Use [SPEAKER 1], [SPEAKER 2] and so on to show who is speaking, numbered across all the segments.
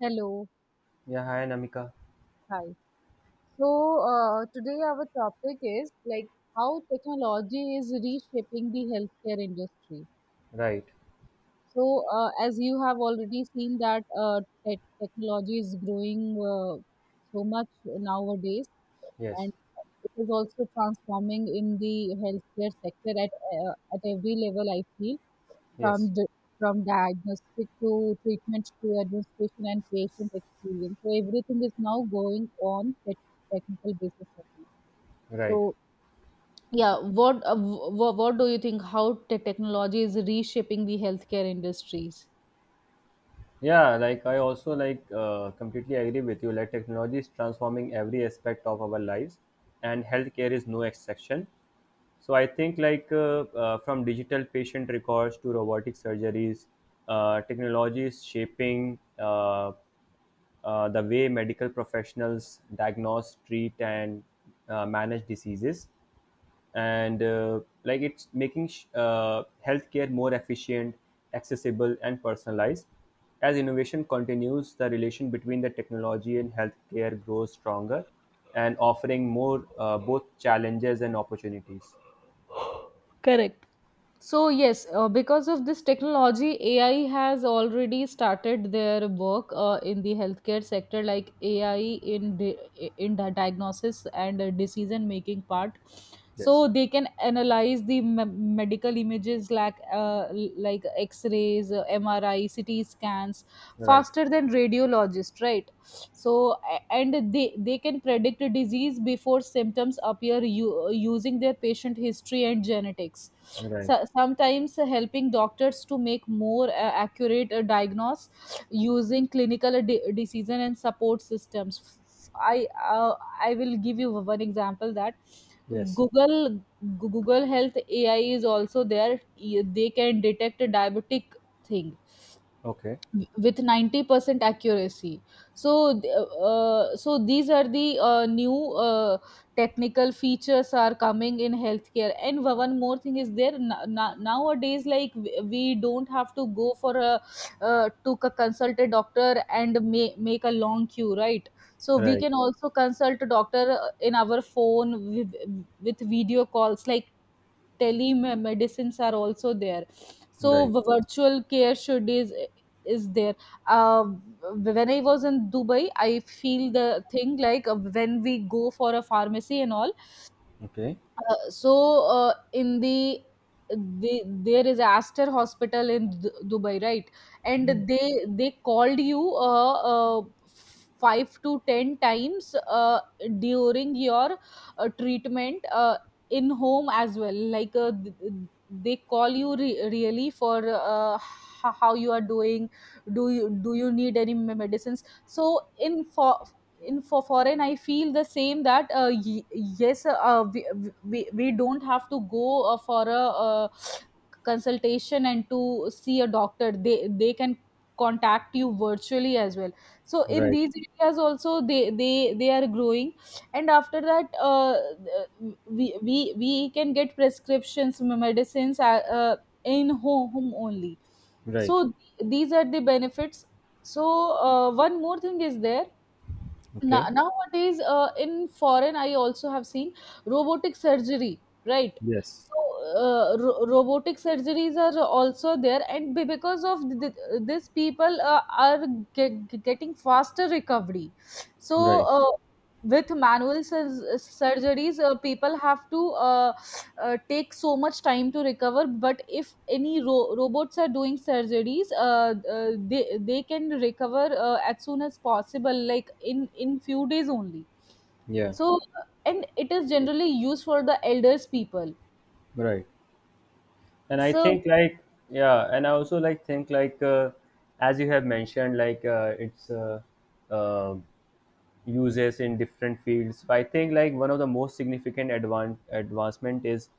[SPEAKER 1] Hello,
[SPEAKER 2] Yeah, hi Namika.
[SPEAKER 1] hi. So Today our topic is like how technology is reshaping the healthcare industry.
[SPEAKER 2] Right.
[SPEAKER 1] So as you have already seen that technology is growing so much nowadays,
[SPEAKER 2] Yes.
[SPEAKER 1] and it is also transforming in the healthcare sector at every level. I feel
[SPEAKER 2] Yes.
[SPEAKER 1] from the from diagnostic to treatment to administration and patient experience. So everything is now going on technical basis only.
[SPEAKER 2] Right.
[SPEAKER 1] So yeah, what do you think how technology is reshaping the healthcare industries?
[SPEAKER 2] Yeah, like I also like completely agree with you. Like technology is transforming every aspect of our lives, and healthcare is no exception. So I think from digital patient records to robotic surgeries, technology is shaping the way medical professionals diagnose, treat, and manage diseases. And it's making healthcare more efficient, accessible and personalized. As innovation continues, the relation between the technology and healthcare grows stronger, and offering more both challenges and opportunities.
[SPEAKER 1] Correct. So yes, because of this technology, AI has already started their work in the healthcare sector, like AI in di- in the diagnosis and decision making part. So
[SPEAKER 2] Yes.
[SPEAKER 1] they can analyze the medical images like X rays, MRI, CT scans,
[SPEAKER 2] Right.
[SPEAKER 1] faster than radiologists, right. So and they can predict a disease before symptoms appear using their patient history and genetics,
[SPEAKER 2] Right.
[SPEAKER 1] so sometimes helping doctors to make more accurate diagnose using clinical decision and support systems. i uh, I will give you one example that
[SPEAKER 2] Yes.
[SPEAKER 1] google Google Health AI is also there. They can detect a diabetic thing
[SPEAKER 2] Okay.
[SPEAKER 1] with 90% accuracy. So so these are the new uh, technical features are coming in healthcare. And one more thing is there, nowadays like we don't have to go for a, consult a doctor and make a long queue, right? So we
[SPEAKER 2] Right.
[SPEAKER 1] can also consult a doctor in our phone with, with video calls, like telemedicines are also there. So
[SPEAKER 2] Right.
[SPEAKER 1] virtual care should is there. uh, when I was in Dubai, I feel the thing like when we go for a pharmacy and all.
[SPEAKER 2] Okay.
[SPEAKER 1] In the there is Aster Hospital in Dubai, right? And they called you, five to ten times during your treatment in home as well. Like they call you really for, how you are doing. Do you need any medicines? So in for foreign I feel the same, that yes, we don't have to go for a, consultation and to see a doctor. They can contact you virtually as well. So in
[SPEAKER 2] Right.
[SPEAKER 1] these areas also they are growing. And after that, uh, we we we can get prescriptions, medicines, in home only.
[SPEAKER 2] Right.
[SPEAKER 1] So these are the benefits. So one more thing is there.
[SPEAKER 2] Okay.
[SPEAKER 1] Nowadays in foreign I also have seen robotic surgery, right?
[SPEAKER 2] Yes.
[SPEAKER 1] So robotic surgeries are also there, and because of this, people are getting faster recovery. So
[SPEAKER 2] Right.
[SPEAKER 1] uh, with manual surgeries, people have to take so much time to recover, but if any robots are doing surgeries, they can recover as soon as possible, like in few days only.
[SPEAKER 2] Yeah.
[SPEAKER 1] So and it is generally used for the elders people.
[SPEAKER 2] Right. and I
[SPEAKER 1] So
[SPEAKER 2] think like yeah and I also like think like as you have mentioned, like it's um uses in different fields. So I think like one of the most significant advan- advancement is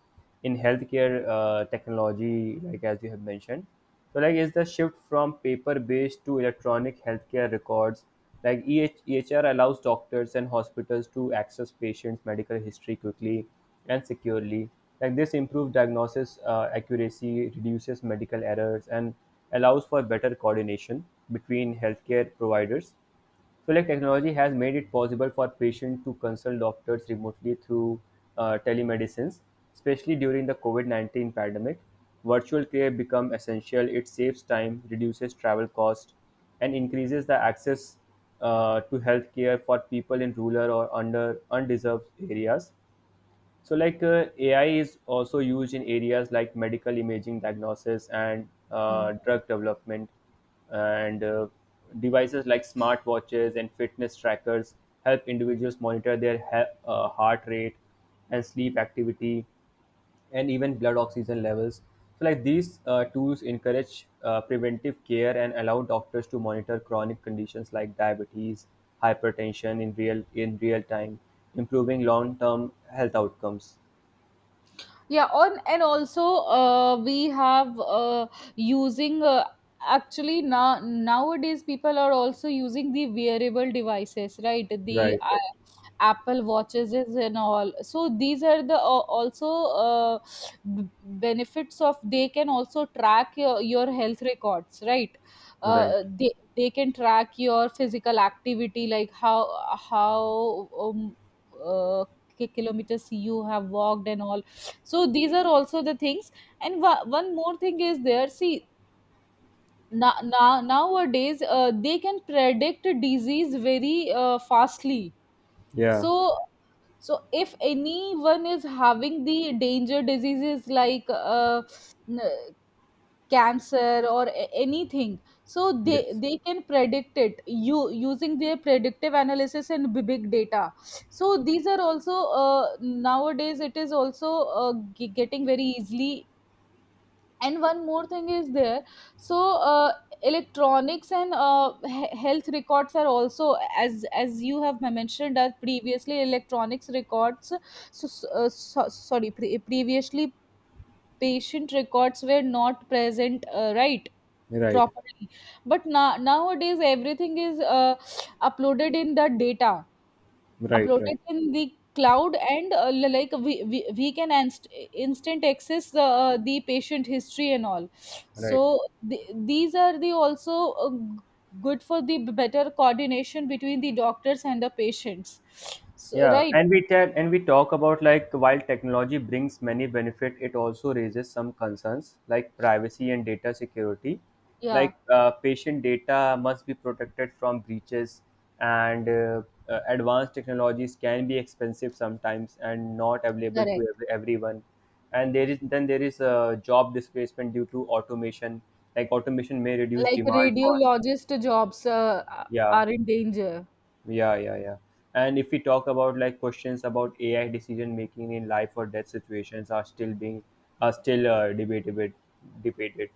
[SPEAKER 2] in healthcare technology, like as you have mentioned. So like is the shift from paper-based to electronic healthcare records. Like EHEHR allows doctors and hospitals to access patients' medical history quickly and securely. Like this improves diagnosis accuracy, reduces medical errors, and allows for better coordination between healthcare providers. So, like technology has made it possible for patients to consult doctors remotely through telemedicines, especially during the COVID 19 pandemic. Virtual care become essential. It saves time, reduces travel cost, and increases the access to healthcare for people in rural or under undeserved areas. So, like AI is also used in areas like medical imaging, diagnosis, and
[SPEAKER 1] hmm,
[SPEAKER 2] drug development, and devices like smartwatches and fitness trackers help individuals monitor their heart rate and sleep activity, and even blood oxygen levels. So, like these tools encourage preventive care and allow doctors to monitor chronic conditions like diabetes, hypertension in real time, improving long-term health outcomes.
[SPEAKER 1] yeah. on And also, we have using actually nowadays people are also using the wearable devices, right? The
[SPEAKER 2] Right, right,
[SPEAKER 1] Apple watches is and all. So these are the also uh, benefits of. They can also track your health records, right?
[SPEAKER 2] right.
[SPEAKER 1] They can track your physical activity, like how uh, kilometers you have walked and all. So these are also the things. And one more thing is there. See now, nowadays they can predict disease very fastly.
[SPEAKER 2] Yeah,
[SPEAKER 1] So so if anyone is having the danger diseases like n- cancer or anything, so they
[SPEAKER 2] yes.
[SPEAKER 1] they can predict it you using their predictive analysis and big data. So these are also, nowadays it is also getting very easily. And one more thing is there. So uh, electronics and health records are also, as you have mentioned, that previously electronics records. So, previously patient records were not present, right,
[SPEAKER 2] Right,
[SPEAKER 1] properly. But now nowadays everything is uploaded in the data,
[SPEAKER 2] right, right,
[SPEAKER 1] uploaded in the cloud. And like we can instant access the patient history and all.
[SPEAKER 2] right.
[SPEAKER 1] So the, these are the also good for the better coordination between the doctors and the patients. So,
[SPEAKER 2] Yeah,
[SPEAKER 1] right,
[SPEAKER 2] and we tell and we talk about like while technology brings many benefit, it also raises some concerns like privacy and data security.
[SPEAKER 1] yeah,
[SPEAKER 2] Like patient data must be protected from breaches, and advanced technologies can be expensive sometimes and not available
[SPEAKER 1] correct.
[SPEAKER 2] to everyone. And there is a job displacement due to automation. Like automation may reduce
[SPEAKER 1] Like
[SPEAKER 2] demand for.
[SPEAKER 1] radiologist jobs
[SPEAKER 2] Yeah.
[SPEAKER 1] are in danger.
[SPEAKER 2] Yeah, yeah, yeah. And if we talk about like questions about AI decision making in life or death situations are still debated debated.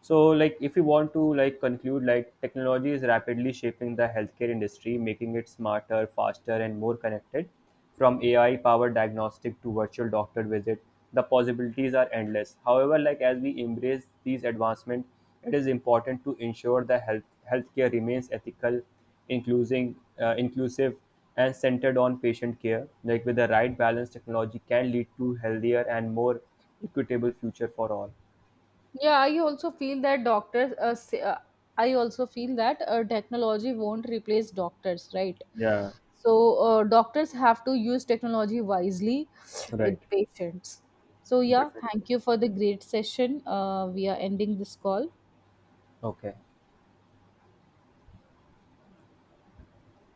[SPEAKER 2] So, like, if you want to like conclude, like, technology is rapidly shaping the healthcare industry, making it smarter, faster, and more connected. From AI-powered diagnostic to virtual doctor visit, the possibilities are endless. However, like as we embrace these advancements, it is important to ensure the healthcare remains ethical, inclusive, uh, inclusive, and centered on patient care. Like with the right balance, technology can lead to healthier and more equitable future for all.
[SPEAKER 1] Yeah, I also feel that doctors. Say, I also feel that technology won't replace doctors, right?
[SPEAKER 2] Yeah,
[SPEAKER 1] So doctors have to use technology wisely with
[SPEAKER 2] right.
[SPEAKER 1] patients. So yeah,
[SPEAKER 2] Definitely.
[SPEAKER 1] thank you for the great session. We are ending this call.
[SPEAKER 2] Okay.